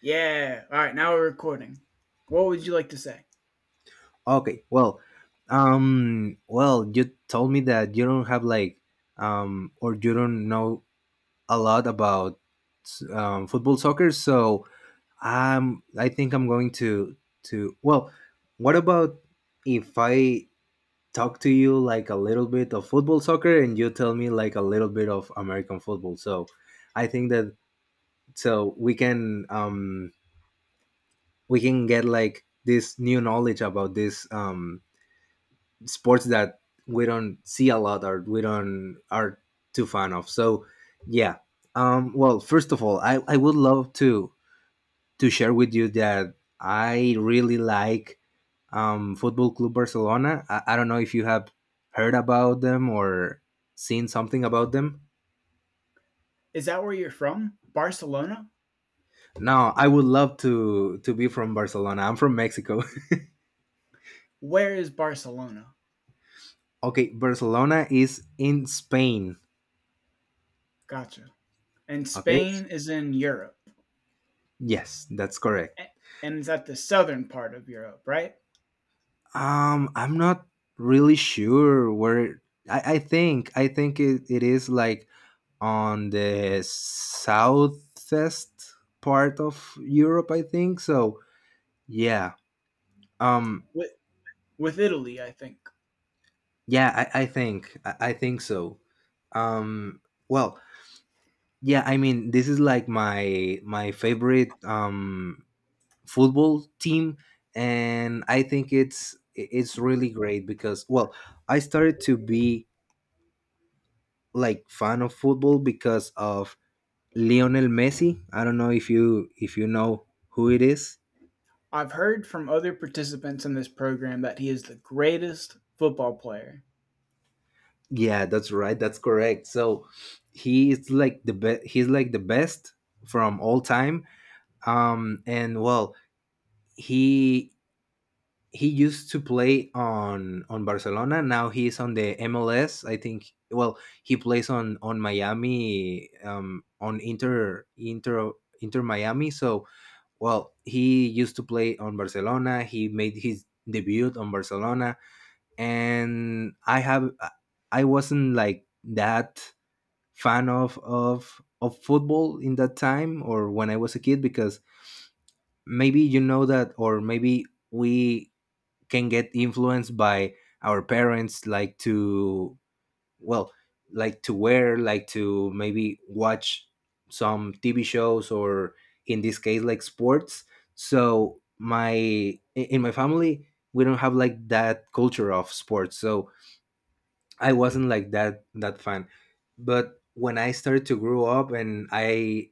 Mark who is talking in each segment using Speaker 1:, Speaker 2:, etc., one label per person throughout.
Speaker 1: Yeah. All right. Now we're recording. What would you like to say?
Speaker 2: Okay, well, well, you told me that you don't have like, or you don't know a lot about football soccer. So I think I'm going to, what about if I talk to you like a little bit of football soccer and you tell me like a little bit of American football? So I think that so we can get like this new knowledge about this sports that we don't see a lot or we don't are too fan of. So yeah. First of all, I would love to share with you that I really like Football Club Barcelona. I don't know if you have heard about them or seen something about them.
Speaker 1: Is that where you're from? Barcelona?
Speaker 2: No, I would love to be from Barcelona. I'm from Mexico.
Speaker 1: Where is Barcelona?
Speaker 2: Okay, Barcelona is in Spain.
Speaker 1: Gotcha. And
Speaker 2: Okay.
Speaker 1: Spain is in Europe.
Speaker 2: Yes, that's correct.
Speaker 1: A- And it's at the southern part of Europe, right?
Speaker 2: I'm not really sure where. I think it is like on the southwest part of Europe. I think so. Yeah. Um.
Speaker 1: With, with Italy, I think.
Speaker 2: Yeah. I think so. Um. Well. Yeah. I mean, this is like my favorite football team, and I think it's really great because well, I started to be like fan of football because of Lionel Messi. I don't know if you know who it is.
Speaker 1: I've heard from other participants in this program that he is the greatest football player.
Speaker 2: Yeah, that's right. That's correct. So he is like the best. He's like the best from all time. Um, and well, he used to play on Barcelona. Now he's on the MLS, I think. Well, he plays on Miami, on Inter Inter Miami. So well, he used to play on Barcelona. He made his debut on Barcelona, and I wasn't like that fan of football in that time or when I was a kid because maybe you know that, or maybe we can get influenced by our parents, like to well, like to wear, like to maybe watch some tv shows or in this case like sports. So my in my family we don't have like that culture of sports, so I wasn't like that fan. But when I started to grow up and i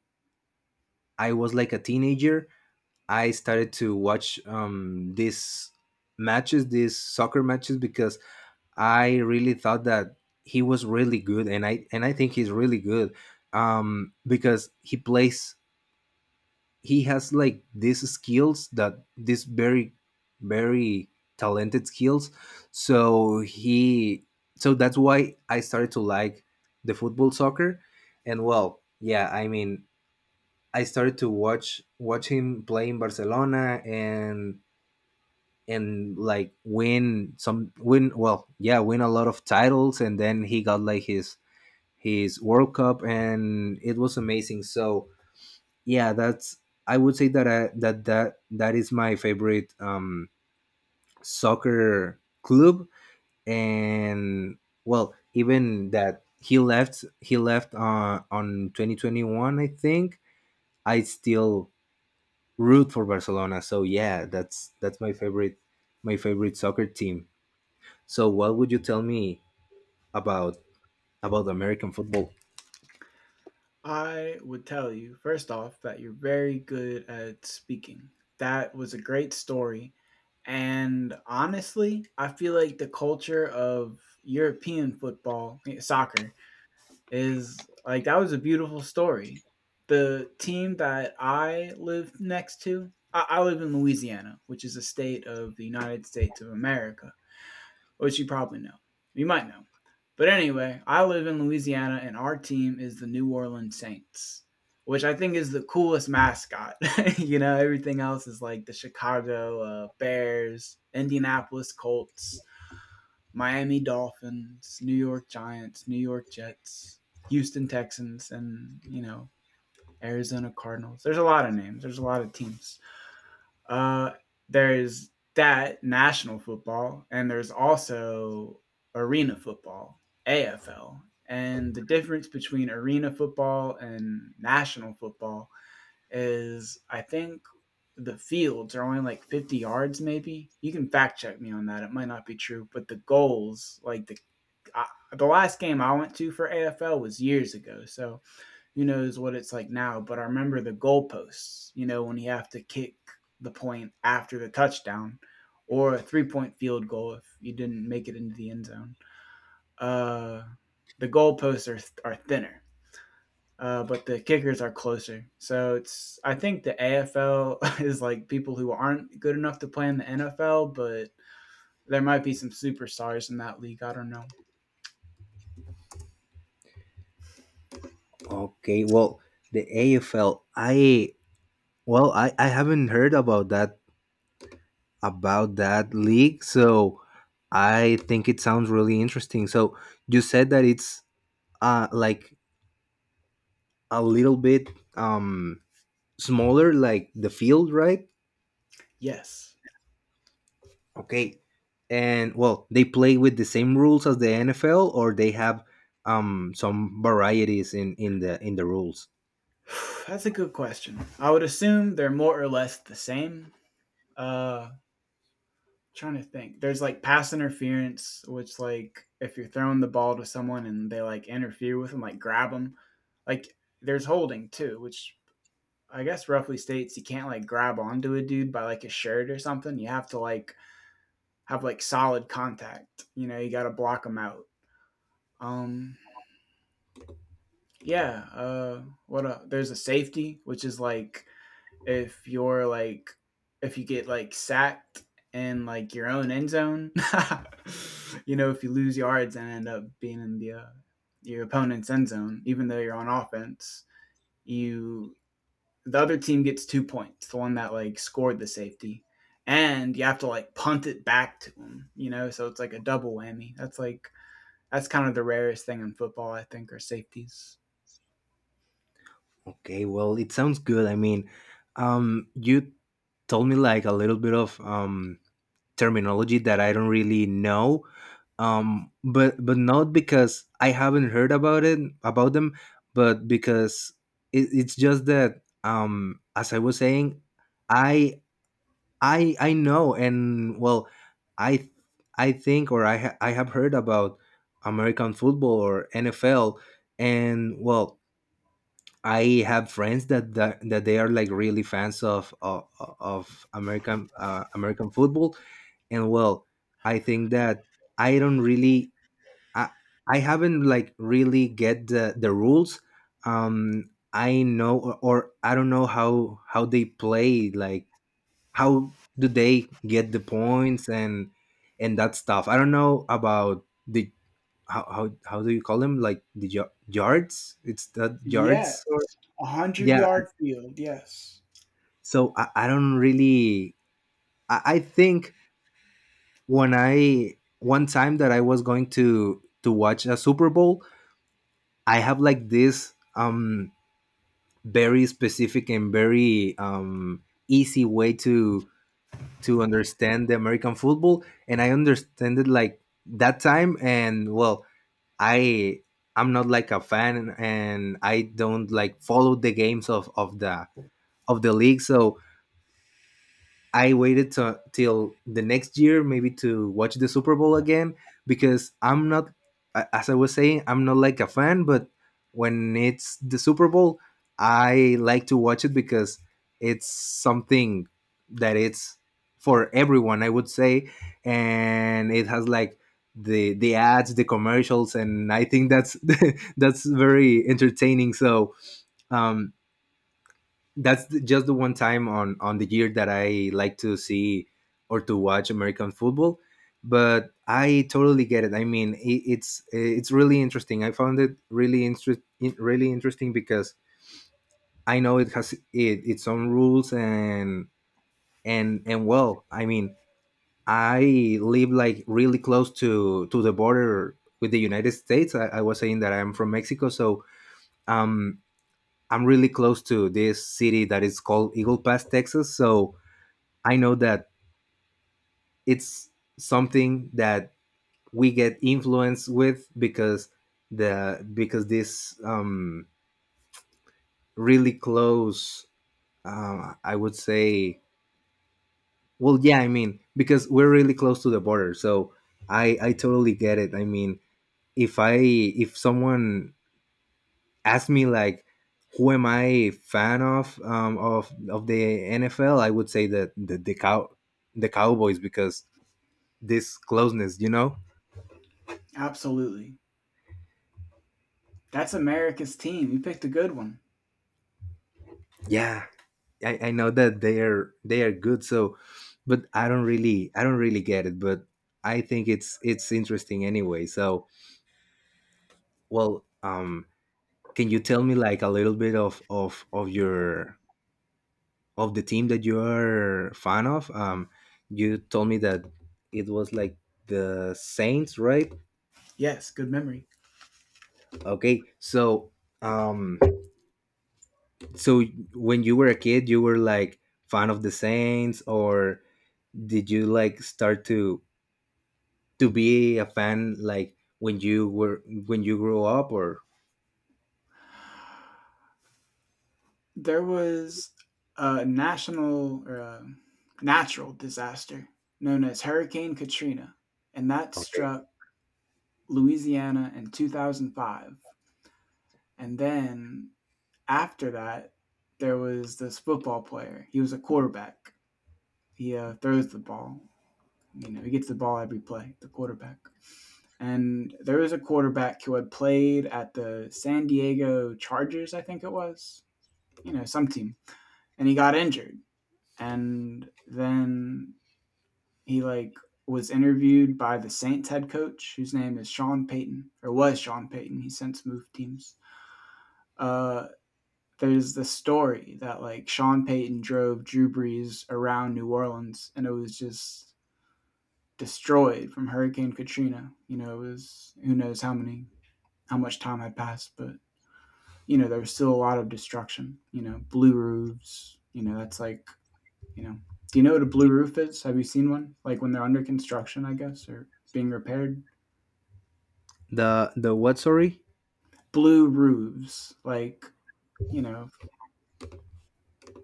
Speaker 2: i was like a teenager, I started to watch these matches, these soccer matches, because I really thought that he was really good, and I think he's really good, because he plays. He has like these skills, that these very, very talented skills. So he so that's why I started to like the football soccer, and well, yeah, I mean, I started to watch him play in Barcelona and like win some, win, well yeah, win a lot of titles, and then he got like his world cup and it was amazing. So yeah, that's, I would say that I, that that that is my favorite soccer club. And well, even that he left on 2021 I think, I still root for Barcelona. So yeah, that's my favorite, my favorite soccer team. So what would you tell me about American football?
Speaker 1: I would tell you, first off, that you're very good at speaking. That was a great story. And honestly, I feel like the culture of European football, soccer, is like that was a beautiful story. The team that I live next to, I live in Louisiana, which is a state of the United States of America, which you probably know. You might know. But anyway, I live in Louisiana and our team is the New Orleans Saints, which I think is the coolest mascot. You know, everything else is like the Chicago Bears, Indianapolis Colts, Miami Dolphins, New York Giants, New York Jets, Houston Texans, and, you know, Arizona Cardinals. There's a lot of names, there's a lot of teams. Uh, there's that national football, and there's also arena football, AFL. And the difference between arena football and national football is I think the fields are only like 50 yards, maybe. You can fact check me on that. It might not be true, but the goals, like I, the last game I went to for AFL was years ago. So who knows what it's like now, but I remember the goalposts, you know, when you have to kick the point after the touchdown or a 3-point field goal if you didn't make it into the end zone. Uh, the goalposts are thinner. But the kickers are closer. So it's I think the AFL is like people who aren't good enough to play in the NFL, but there might be some superstars in that league. I don't know.
Speaker 2: Okay, well, the AFL. I well, I haven't heard about that league, so I think it sounds really interesting. So you said that it's like a little bit um smaller, like the field, right?
Speaker 1: Yes.
Speaker 2: Okay. And well, they play with the same rules as the NFL, or they have some varieties in the rules.
Speaker 1: That's a good question. I would assume they're more or less the same. Uh trying to think. There's like pass interference, which like if you're throwing the ball to someone and they like interfere with them, like grab them. Like there's holding too, which I guess roughly states you can't like grab onto a dude by like a shirt or something. You have to like have like solid contact. You know, you got to block them out. Um, yeah. What? There's a safety, which is like if you're like if you get like sacked in like your own end zone. You know, if you lose yards and end up being in the your opponent's end zone, even though you're on offense, you the other team gets 2 points, the one that like scored the safety, and you have to like punt it back to them. You know, so it's like a double whammy. That's kind of the rarest thing in football, I think, are safeties.
Speaker 2: Okay, well, it sounds good. I mean, you told me like a little bit of terminology that I don't really know, but not because I haven't heard about it, about them, but because it's just that as I was saying, I I know, and well, I I think or I have heard about American football or NFL, and well, I have friends that they are like really fans of American American football, and well, I think that I don't really I haven't like really get the rules. I know, or I don't know how they play, like how do they get the points and that stuff. I don't know about the how do you call them, like the yards? It's the yards or
Speaker 1: Yes. A hundred
Speaker 2: yeah.
Speaker 1: yard field, yes.
Speaker 2: So I don't really I think when I one time that I was going to watch a Super Bowl, I have like this very specific and very easy way to understand the American football, and I understand it like that time, and well, I I'm not like a fan and I don't like follow the games of the of the league. So I waited to, till the next year, maybe, to watch the Super Bowl again, because I'm not a-, as I was saying, I'm not like a fan, but when it's the Super Bowl I like to watch it, because it's something that it's for everyone I would say, and it has like the ads, the commercials, and I think that's that's very entertaining. So um that's the, just the one time on the year that I like to see or to watch American football. But I totally get it. I mean, it's really interesting. I found it really interest really interesting because I know it has its own rules and and well, I mean, I live like really close to the border with the United States. I was saying that I'm from Mexico, so um, I'm really close to this city that is called Eagle Pass, Texas. So I know that it's something that we get influenced with because the because this really close, I would say, well yeah, I mean, because we're really close to the border. So I totally get it. I mean, if I if someone asked me like, who am I a fan of, of the NFL, I would say that the Cowboys, because this closeness, you know.
Speaker 1: Absolutely. That's America's team. You picked a good one.
Speaker 2: Yeah, I know that they are good, so but I don't really, I don't really get it, but I think it's interesting anyway. So well, can you tell me like a little bit of your, of the team that you're fan of, you told me that it was like the Saints, right?
Speaker 1: Yes, good memory.
Speaker 2: Okay. So um so when you were a kid, you were like fan of the Saints, or did you like start to be a fan like when you were, when you grew up, or,
Speaker 1: There was a national or a natural disaster known as Hurricane Katrina, and that
Speaker 2: okay,
Speaker 1: struck Louisiana in 2005. And then after that, there was this football player. He was a quarterback. He throws the ball. You know, he gets the ball every play, the quarterback. And there was a quarterback who had played at the San Diego Chargers, I think it was, you know, some team. And he got injured. And then he like was interviewed by the Saints head coach, whose name is Sean Payton, or was Sean Payton. He since moved teams. Uh, there's the story that like Sean Payton drove Drew Brees around New Orleans, and it was just destroyed from Hurricane Katrina. You know, it was who knows how many how much time had passed, but you know, there was still a lot of destruction. You know, blue roofs, you know, that's like, you know, do you know what a blue roof is? Have you seen one? Like when they're under construction, I guess, or being repaired?
Speaker 2: the what, sorry?
Speaker 1: Blue roofs, like, you know,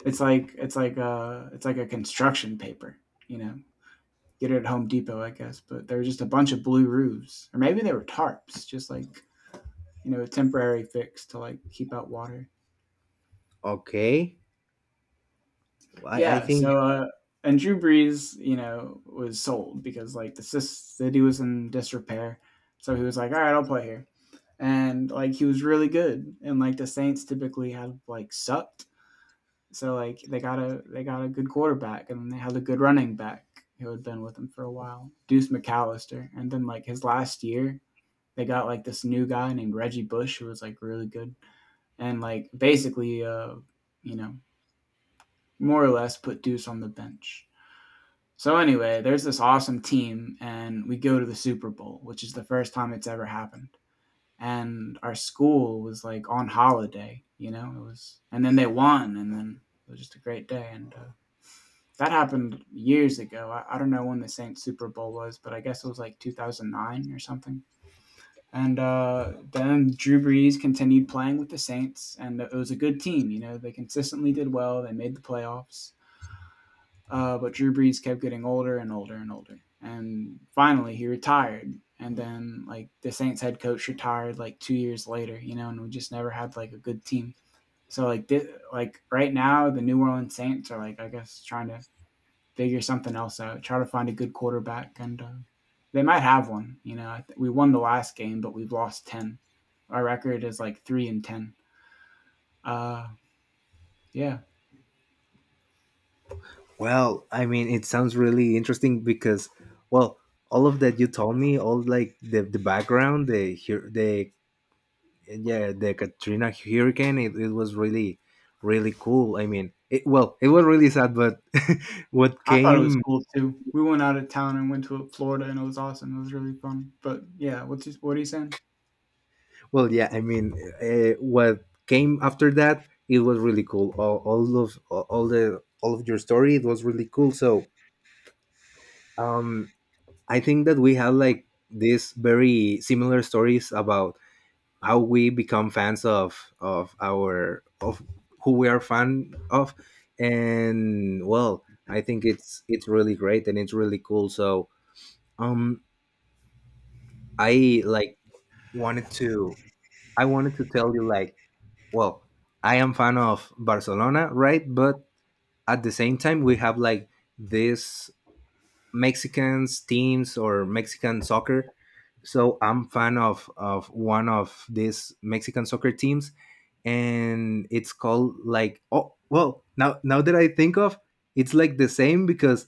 Speaker 1: it's like a construction paper, you know. Get it at Home Depot, I guess, but there were just a bunch of blue roofs, or maybe they were tarps, just like you know, a temporary fix to like keep out water.
Speaker 2: Okay, I
Speaker 1: Yeah.
Speaker 2: think
Speaker 1: So, and Drew Brees, you know, was sold because like the city was in disrepair. So he was like, all right, I'll play here. And like he was really good. And like the Saints typically have like sucked. So like they got a good quarterback and they had a good running back who had been with them for a while, Deuce McAllister. And then like his last year, they got like this new guy named Reggie Bush who was like really good. And like basically you know, more or less put Deuce on the bench. So anyway, there's this awesome team, and we go to the Super Bowl, which is the first time it's ever happened. And our school was like on holiday, you know. It was, and then they won, and then it was just a great day. And that happened years ago. I don't know when the Saints Super Bowl was, but I guess it was like 2009 or something. And then Drew Brees continued playing with the Saints, and it was a good team. You know, they consistently did well. They made the playoffs. But Drew Brees kept getting older and older and older. And finally, he retired. And then, like, the Saints head coach retired like 2 years later, you know, and we just never had like a good team. So, like right now, the New Orleans Saints are like, I guess, trying to figure something else out, try to find a good quarterback. And they might have one. You know, we won the last game, but we've lost 10. Our record is like 3-10. Uh, yeah.
Speaker 2: well, I mean, it sounds really interesting because well, all of that you told me, all like the background the here the yeah, the Katrina hurricane, it was really cool. I mean, it, well, it was really sad, but what
Speaker 1: I thought it was
Speaker 2: came.
Speaker 1: cool too. We went out of town and went to Florida, and it was awesome. It was really fun. But yeah, what are you saying?
Speaker 2: Well, yeah, I mean, what came after that, it was really cool. All of your story, it was really cool. So, um, I think that we have like these very similar stories about how we become fans of who we are fan of, and well, I think it's really great and it's really cool. So, um, I like wanted to tell you like, well, I am fan of Barcelona, right? But at the same time, we have like this Mexicans teams or Mexican soccer. So I'm fan of one of these Mexican soccer teams, and it's called like, oh well, now that I think of, it's like the same because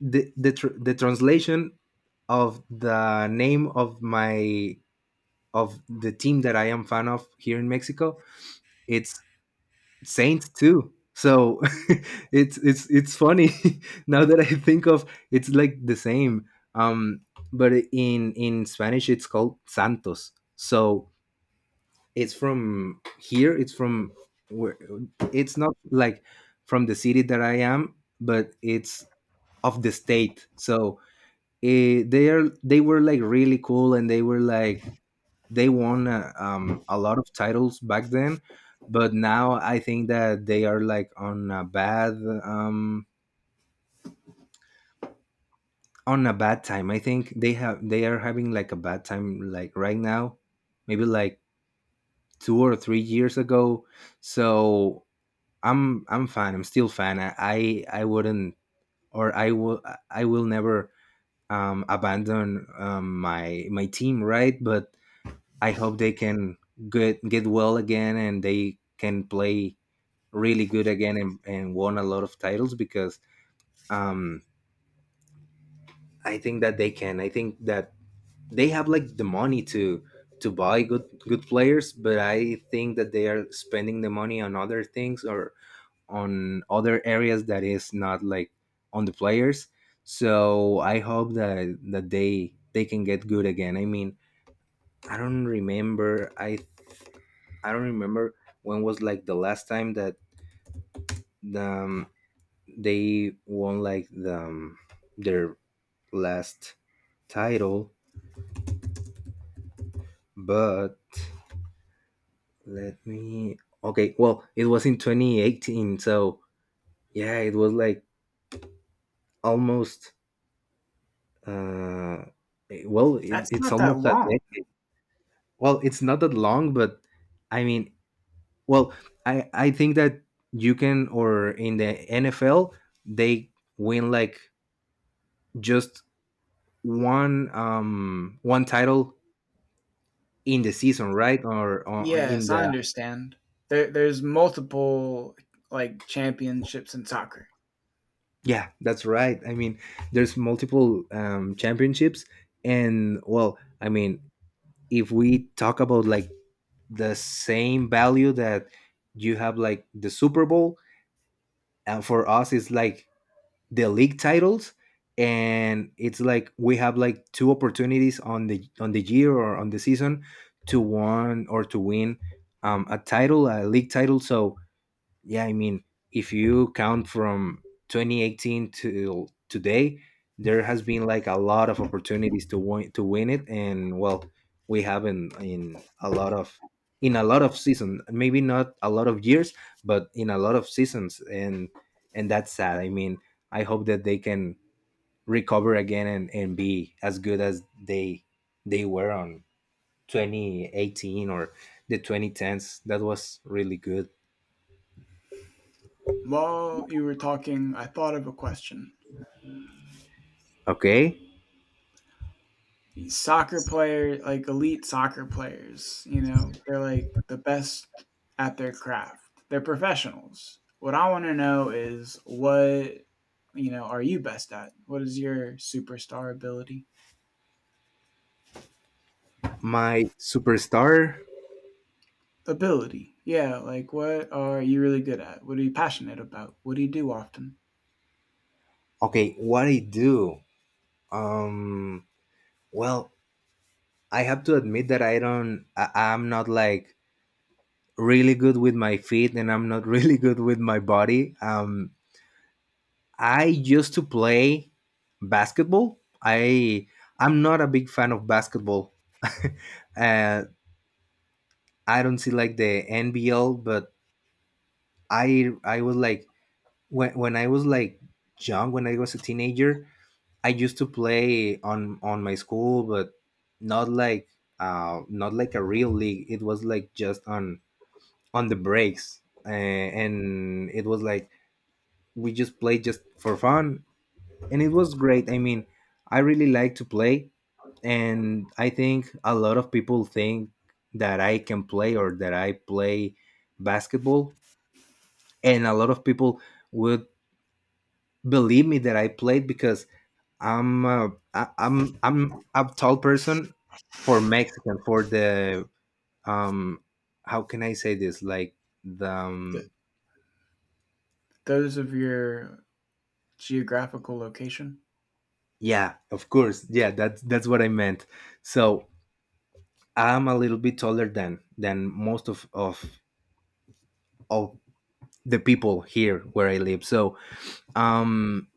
Speaker 2: the translation of the name of my, of the team that I am fan of here in Mexico, it's Saints too. So it's funny, now that I think of, it's like the same. Um, but in Spanish it's called Santos. So it's from here. It's from where, it's not like from the city that I am, but it's of the state. So they are, they were like really cool and they were like they won a lot of titles back then, but now I think that they are like on a bad, um on a bad time. I think they are having like a bad time like right now, maybe like 2 or 3 years ago. So I'm fan, I'm still fan, I wouldn't, or I will never abandon, my team, right? But I hope they can get well again, and they can play really good again, and won a lot of titles because um, I think that they can. I think that they have like the money to buy good players, but I think that they are spending the money on other things or on other areas that is not like on the players. So I hope that they can get good again. I don't remember. I don't remember when was like the last time that the they won like the their last title, but let me. Okay well it was in 2018. So yeah, it was like almost, uh well,
Speaker 1: That's
Speaker 2: it's
Speaker 1: not that
Speaker 2: almost a
Speaker 1: long.
Speaker 2: decade. Well, it's not that long, but i mean well I think that you can, or in the NFL they win like just one title in the season, right? Or in
Speaker 1: Yes, I
Speaker 2: the
Speaker 1: understand. There's multiple like championships in soccer.
Speaker 2: Yeah, that's right. There's multiple championships, and if we talk about like the same value that you have like the Super Bowl, and for us, it's like the league titles, and it's like we have like two opportunities on the year or on the season to won or to win, a title, a league title. So yeah, if you count from 2018 till today, there has been like a lot of opportunities to win it, and well, we haven't in a lot of season, maybe not a lot of years, but in a lot of seasons, and that's sad. I hope that they can recover again and be as good as they were on 2018 or the 2010s. That was really good.
Speaker 1: While you were talking, I thought of a question.
Speaker 2: Okay.
Speaker 1: Soccer player like elite soccer players, you know, they're like the best at their craft. They're professionals. What I want to know is what you know are you best at? What is your superstar ability?
Speaker 2: My superstar.
Speaker 1: Ability, yeah. Like, what are you really good at? What are you passionate about? What do you do often?
Speaker 2: Okay what I do, um well I have to admit that I don't I, I'm not like really good with my feet, and I'm not really good with my body. I used to play basketball. I'm not a big fan of basketball. uh I don't see like the NBL, but I was like, when I was like young, when I was a teenager, I used to play on my school, but not like, not like a real league. It was like just on the breaks, and it was like we just played just for fun, and it was great. I really like to play, and I think a lot of people think that I can play or that I play basketball, and a lot of people would believe me that I played because I'm I, I'm a tall person for Mexican, for the, um how can I say this, like the,
Speaker 1: Th- those of your geographical location.
Speaker 2: yeah, of course. Yeah that's what I meant. So I'm a little bit taller than most of of the people here where I live. So um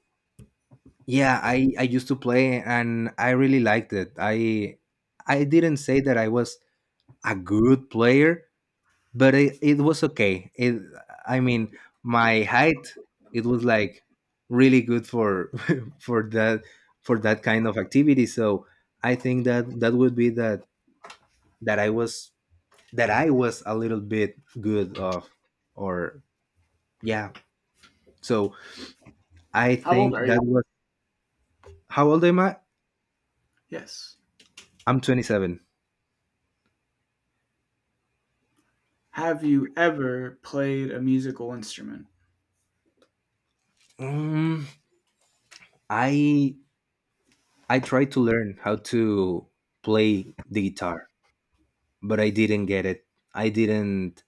Speaker 2: yeah, I used to play and I really liked it. I didn't say that I was a good player, but it was okay. it I mean My height, it was like really good for for that, for that kind of activity. So I think that would be that, that i was I was a little bit good of, or yeah. So I
Speaker 1: How old
Speaker 2: think
Speaker 1: are you?
Speaker 2: that was. How old am I?
Speaker 1: Yes.
Speaker 2: I'm 27.
Speaker 1: Have you ever played a musical instrument?
Speaker 2: um, i I tried to learn how to play the guitar, but I didn't get it. I didn't,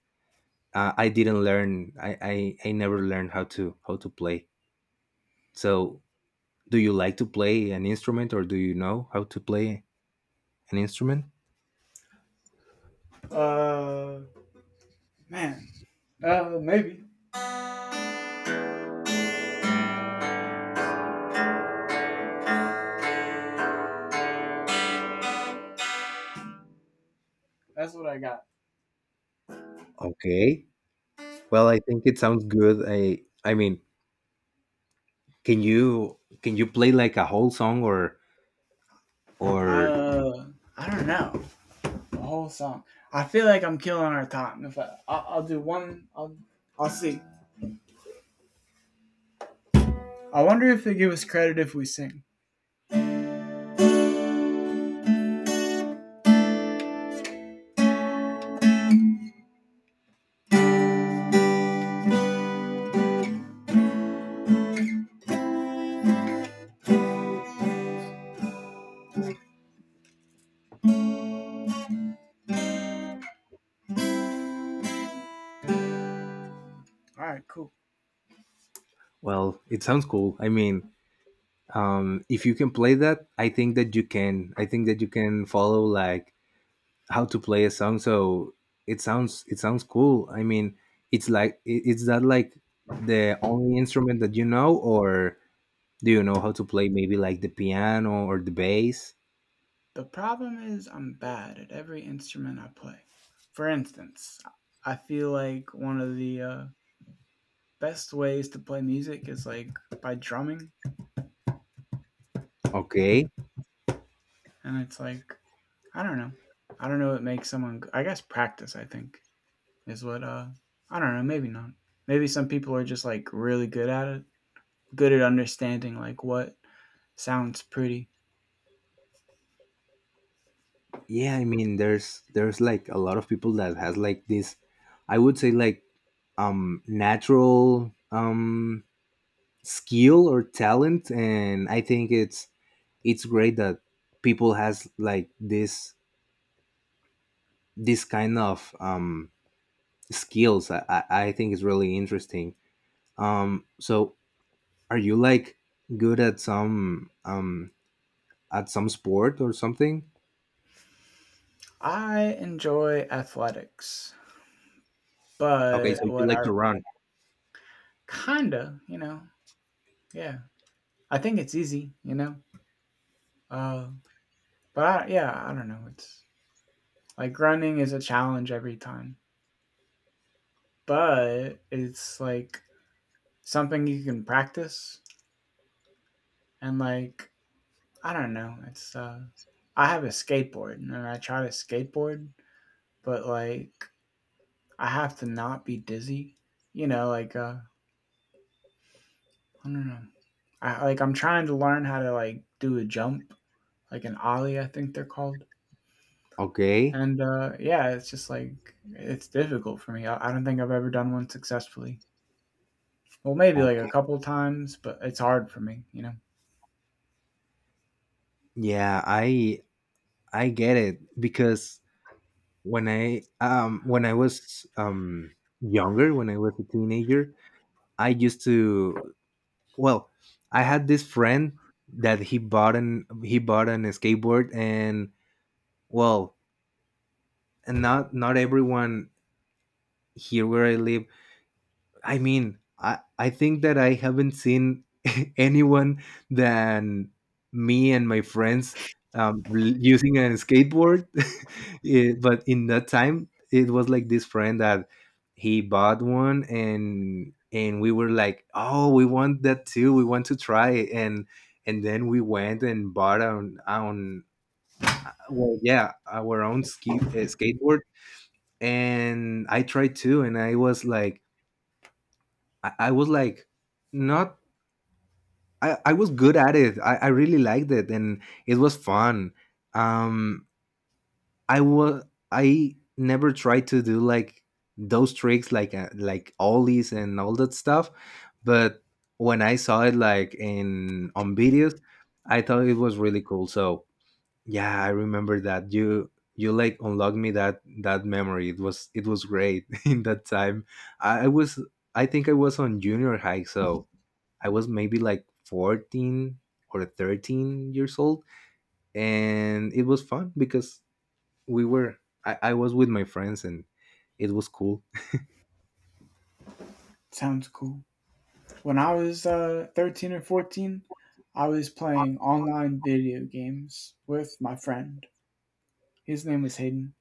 Speaker 2: I didn't learn. I never learned how to play. So do you like to play an instrument, or do you know how to play an instrument?
Speaker 1: Uh, Man, maybe that's what I got.
Speaker 2: Okay. Well, I think it sounds good. I mean, can you play like a whole song or or.
Speaker 1: Uh, I don't know the whole song. I feel like I'm killing our time. If I, I'll do one, I'll see. I wonder if they give us credit if we sing. All right, cool.
Speaker 2: Well, it sounds cool. If you can play that, I think that you can. I think that you can follow like how to play a song. So it sounds, cool. It's like, is that like the only instrument that you know, or do you know how to play, maybe like the piano or the bass?
Speaker 1: The problem is I'm bad at every instrument I play. For instance, I feel like one of the best ways to play music is like by drumming,
Speaker 2: Okay.
Speaker 1: and it's like I don't know. I don't know what makes someone. I guess practice. I think is what I don't know, maybe not. Maybe some people are just like really good at it, good at understanding like what sounds pretty.
Speaker 2: Yeah, there's like a lot of people that has like this, I would say, like, natural, skill or talent, and I think it's great that people has like this, kind of, skills. I think is really interesting. So are you like good at some, at some sport or something?
Speaker 1: I enjoy athletics,
Speaker 2: Okay,
Speaker 1: but
Speaker 2: so you
Speaker 1: what
Speaker 2: like
Speaker 1: I
Speaker 2: to run.
Speaker 1: kinda, you know, yeah. I think it's easy, you know. Uh but I, yeah, I don't know. It's like running is a challenge every time, but it's like something you can practice and like I don't know. It's I have a skateboard and I try to skateboard but like I have to not be dizzy. You know, like I don't know. I like I'm trying to learn how to like do a jump, like an ollie, I think they're called.
Speaker 2: Okay.
Speaker 1: And yeah, it's just like it's difficult for me. I don't think I've ever done one successfully. Well, maybe like a
Speaker 2: Okay,
Speaker 1: couple times, but it's hard for me. You know.
Speaker 2: yeah, I get it because when I was, younger, when I was a teenager, I used to, well, I had this friend that he bought an skateboard, and well, and not, everyone here where I live. I think that I haven't seen anyone than me and my friends, using a skateboard. Eh, but in that time, it was like this friend that he bought one, and we were like, oh, we want that too. We want to try it. And then we went and bought our own. Well, yeah, our own, ski skateboard. And I tried too, and I was like, not. I was good at it. I really liked it, and it was fun. Um, I was. I never tried to do like those tricks, like, like ollies and all that stuff. But when I saw it like in on videos, I thought it was really cool. So yeah, I remember that. You like unlocked me that memory. It was, great in that time. I was I think I was on junior high, so I was maybe like 14 or 13 years old, and it was fun because we were, I was with my friends and it was cool.
Speaker 1: Sounds cool. When I was 13 or 14, I was playing online video games with my friend. His name was Hayden.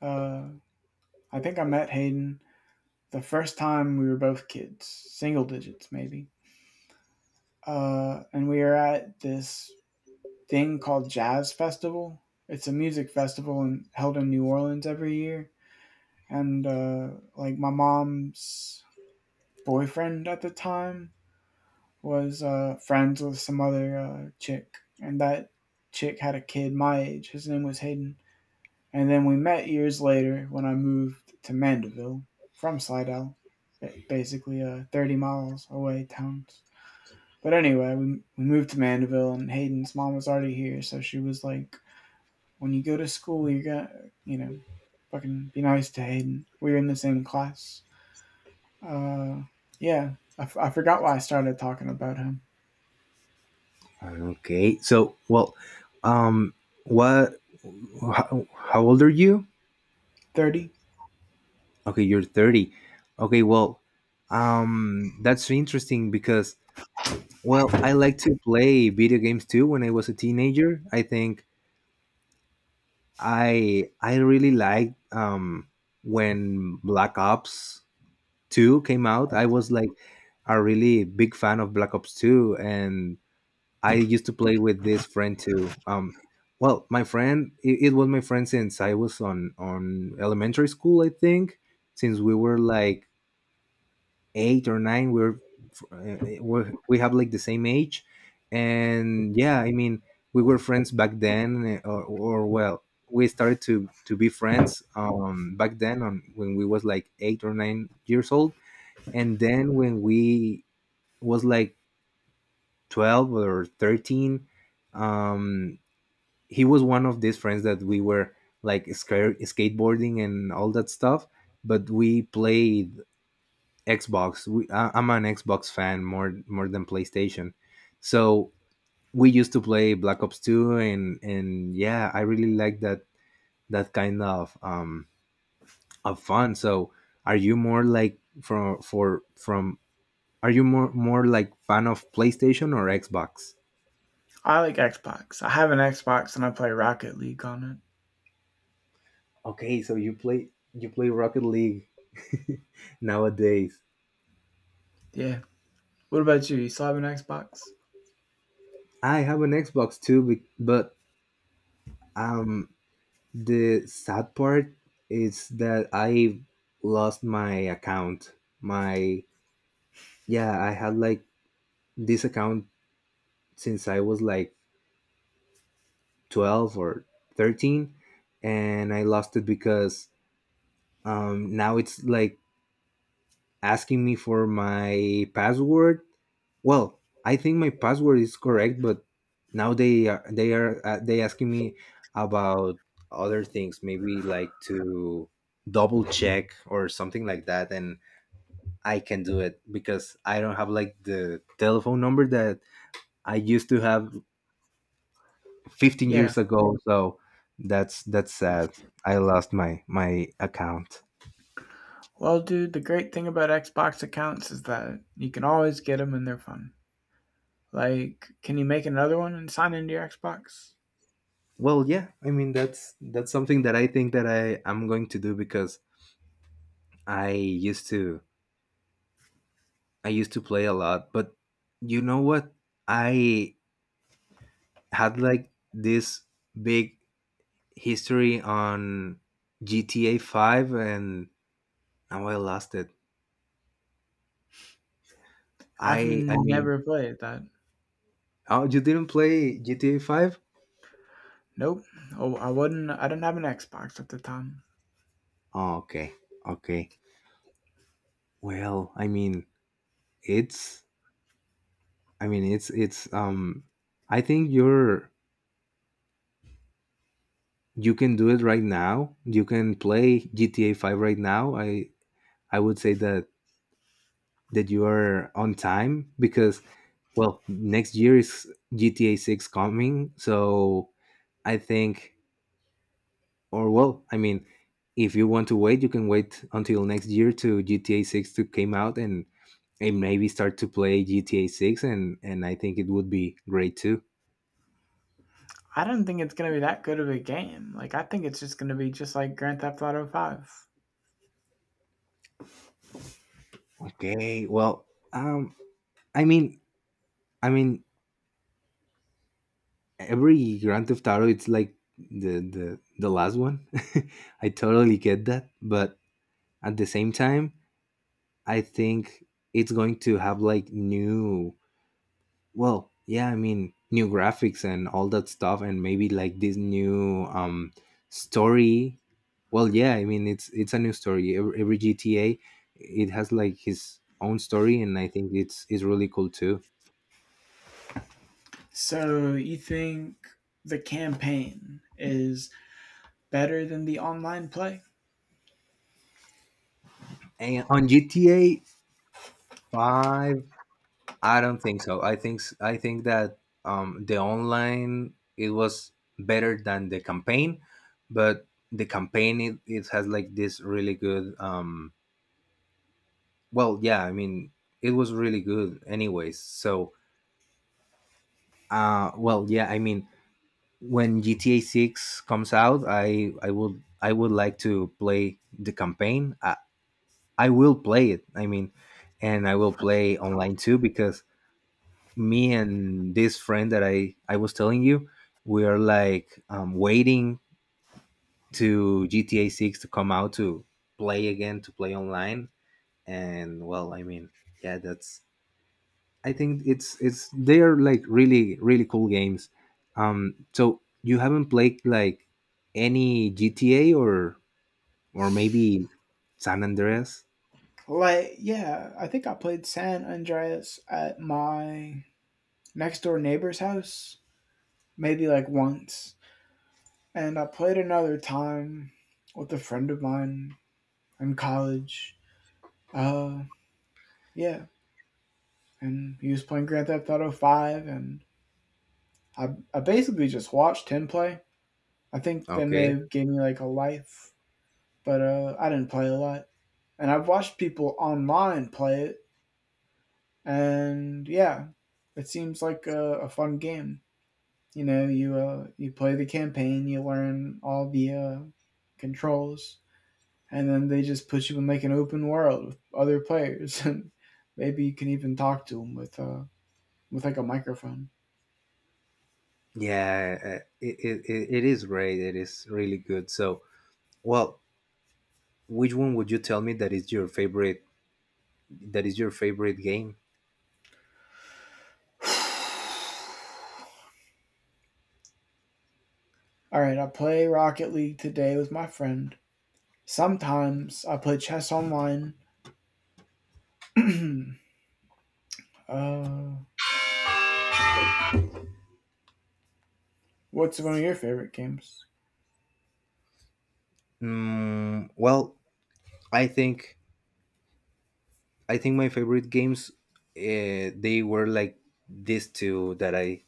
Speaker 1: Uh, I think I met Hayden the first time we were both kids, single digits maybe. And we were at this thing called Jazz Festival. It's a music festival in, held in New Orleans every year. And like my mom's boyfriend at the time was friends with some other chick, and that chick had a kid my age. His name was Hayden. And then we met years later when I moved to Mandeville from Slidell, basically 30 miles away towns. But anyway, we moved to Mandeville, and Hayden's mom was already here, so she was like, "When you go to school, you got to you know, fucking be nice to Hayden. We were in the same class." Uh, yeah, I forgot why I started talking about him.
Speaker 2: Okay. So, well, um what, how old are you?
Speaker 1: 30.
Speaker 2: Okay, you're 30. Okay, well, that's interesting because, well, I like to play video games too when I was a teenager. I think I really liked, when Black Ops 2 came out. I was like a really big fan of Black Ops 2, and I used to play with this friend too. Um, well, my friend, it was my friend since I was on elementary school, I think, since we were like eight or nine. We have like the same age, and yeah, we were friends back then, or well, we started to be friends back then on when we was like 8 or 9 years old, and then when we was like 12 or 13, um he was one of these friends that we were like, skateboarding and all that stuff, but we played Xbox. I'm an Xbox fan more than PlayStation. So we used to play Black Ops Two, and yeah, I really like that kind of, of fun. So are you more like, from for from are you more like fan of PlayStation or Xbox?
Speaker 1: I like Xbox. I have an Xbox, and I play Rocket League on it.
Speaker 2: Okay, so you play Rocket League nowadays.
Speaker 1: Yeah. What about you? You still have an Xbox?
Speaker 2: I have an Xbox too, but um the sad part is that I lost my account. My Yeah, I had like this account since I was like 12 or 13, and I lost it because, now it's like asking me for my password. Well, I think my password is correct, but now they are, they asking me about other things, maybe like to double check or something like that. And I can do it because I don't have like the telephone number that I used to have 15
Speaker 1: Yeah.
Speaker 2: years ago. So that's, sad. I lost my account.
Speaker 1: Well, dude, the great thing about Xbox accounts is that you can always get them, and they're fun. Like, can you make another one and sign into your Xbox?
Speaker 2: Well, yeah, that's something that I think that I am going to do because I used to I used to play a lot, but you know what? I had like this big history on GTA 5, and now I lost it.
Speaker 1: I've
Speaker 2: I I mean
Speaker 1: never played that.
Speaker 2: Oh, you didn't play GTA 5?
Speaker 1: Nope. Oh, I wouldn't. I didn't have an Xbox at the time.
Speaker 2: Oh, okay. Okay. Well, it's I mean, it's I think you can do it right now. You can play GTA 5 right now. I would say that you are on time because, well, next year is GTA 6 coming. So I think. Or well, if you want to wait, you can wait until next year to GTA 6 to came out, and maybe start to play GTA 6, and I think it would be great too.
Speaker 1: I don't think it's gonna be that good of a game. Like I think it's just gonna be just like Grand Theft Auto Five.
Speaker 2: Okay, well, um, I mean, I mean, every Grand Theft Auto, it's like the last one. I totally get that, but at the same time, I think it's going to have like new. Well, yeah, new graphics and all that stuff, and maybe like this new, story. Well, yeah, it's a new story. Every GTA, it has like his own story, and I think it's really cool too.
Speaker 1: So you think the campaign is better than the online play?
Speaker 2: And on GTA Five, I don't think so. I think that, the online it was better than the campaign, but the campaign, it has like this really good, well, yeah, it was really good anyways. So, well, yeah, when GTA 6 comes out, I would like to play the campaign. I will play it. And I will play online too because me and this friend that I was telling you, we are like, waiting to GTA 6 to come out to play again, to play online. And well, yeah, that's I think it's they are like really cool games. So you haven't played like any GTA, or maybe San Andreas?
Speaker 1: Like yeah, I think I played San Andreas at my next door neighbor's house maybe like once, and I played another time with a friend of mine in college. Uh, yeah. And he was playing Grand Theft Auto Five, and I, I basically just watched him play. I think that may
Speaker 2: Okay.
Speaker 1: have gave me like a life, but I didn't play a lot. And I've watched people online play it, and yeah, it seems like a fun game. You know, you play the campaign, you learn all the controls, and then they just put you in like an open world with other players, and maybe you can even talk to them with like a microphone.
Speaker 2: Yeah, it it is great. It is really good. So, well, which one would you tell me that is your favorite? That is your favorite game?
Speaker 1: All right, I play Rocket League today with my friend. Sometimes I play chess online. uh, what's one of your favorite games?
Speaker 2: Mm, well, I think I think my favorite games, they were like these two that I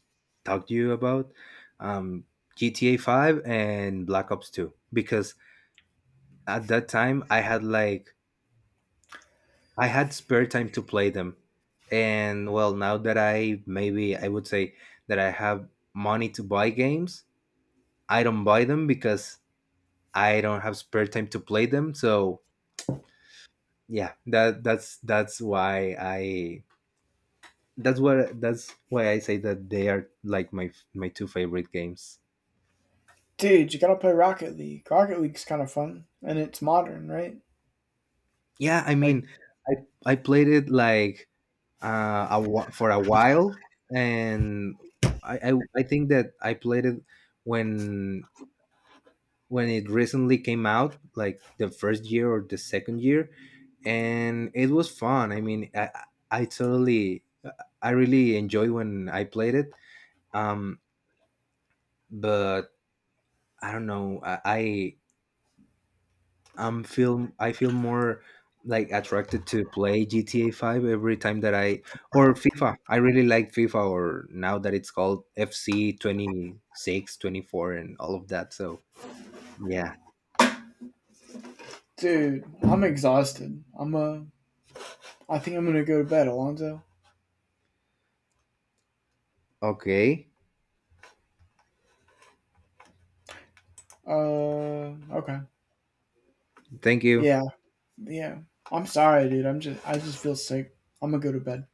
Speaker 2: talked to you about, um, GTA Five and Black Ops Two, because at that time I had spare time to play them, and well, now that I, maybe I would say that I have money to buy games, I don't buy them because I don't have spare time to play them. So yeah, that's why I that's what that's why I say that they are like my two favorite games.
Speaker 1: Dude, you gotta play Rocket League. Rocket League's kind of fun, and it's modern, right?
Speaker 2: Yeah,
Speaker 1: Like,
Speaker 2: I I played it like, for a while, and I think that I played it when it recently came out, like the first year or the second year, and it was fun. I totally I really enjoyed when I played it. Um, but I don't know. I feel more like attracted to play GTA 5 every time that I, or FIFA. I really like FIFA, or now that it's called FC 26 24 and all of that. So yeah.
Speaker 1: dude, I'm exhausted. I'm I think I'm gonna go to bed, Alonzo.
Speaker 2: Okay.
Speaker 1: Uh, okay.
Speaker 2: Thank you.
Speaker 1: Yeah, yeah. I'm sorry, dude. I just feel sick. I'm gonna go to bed.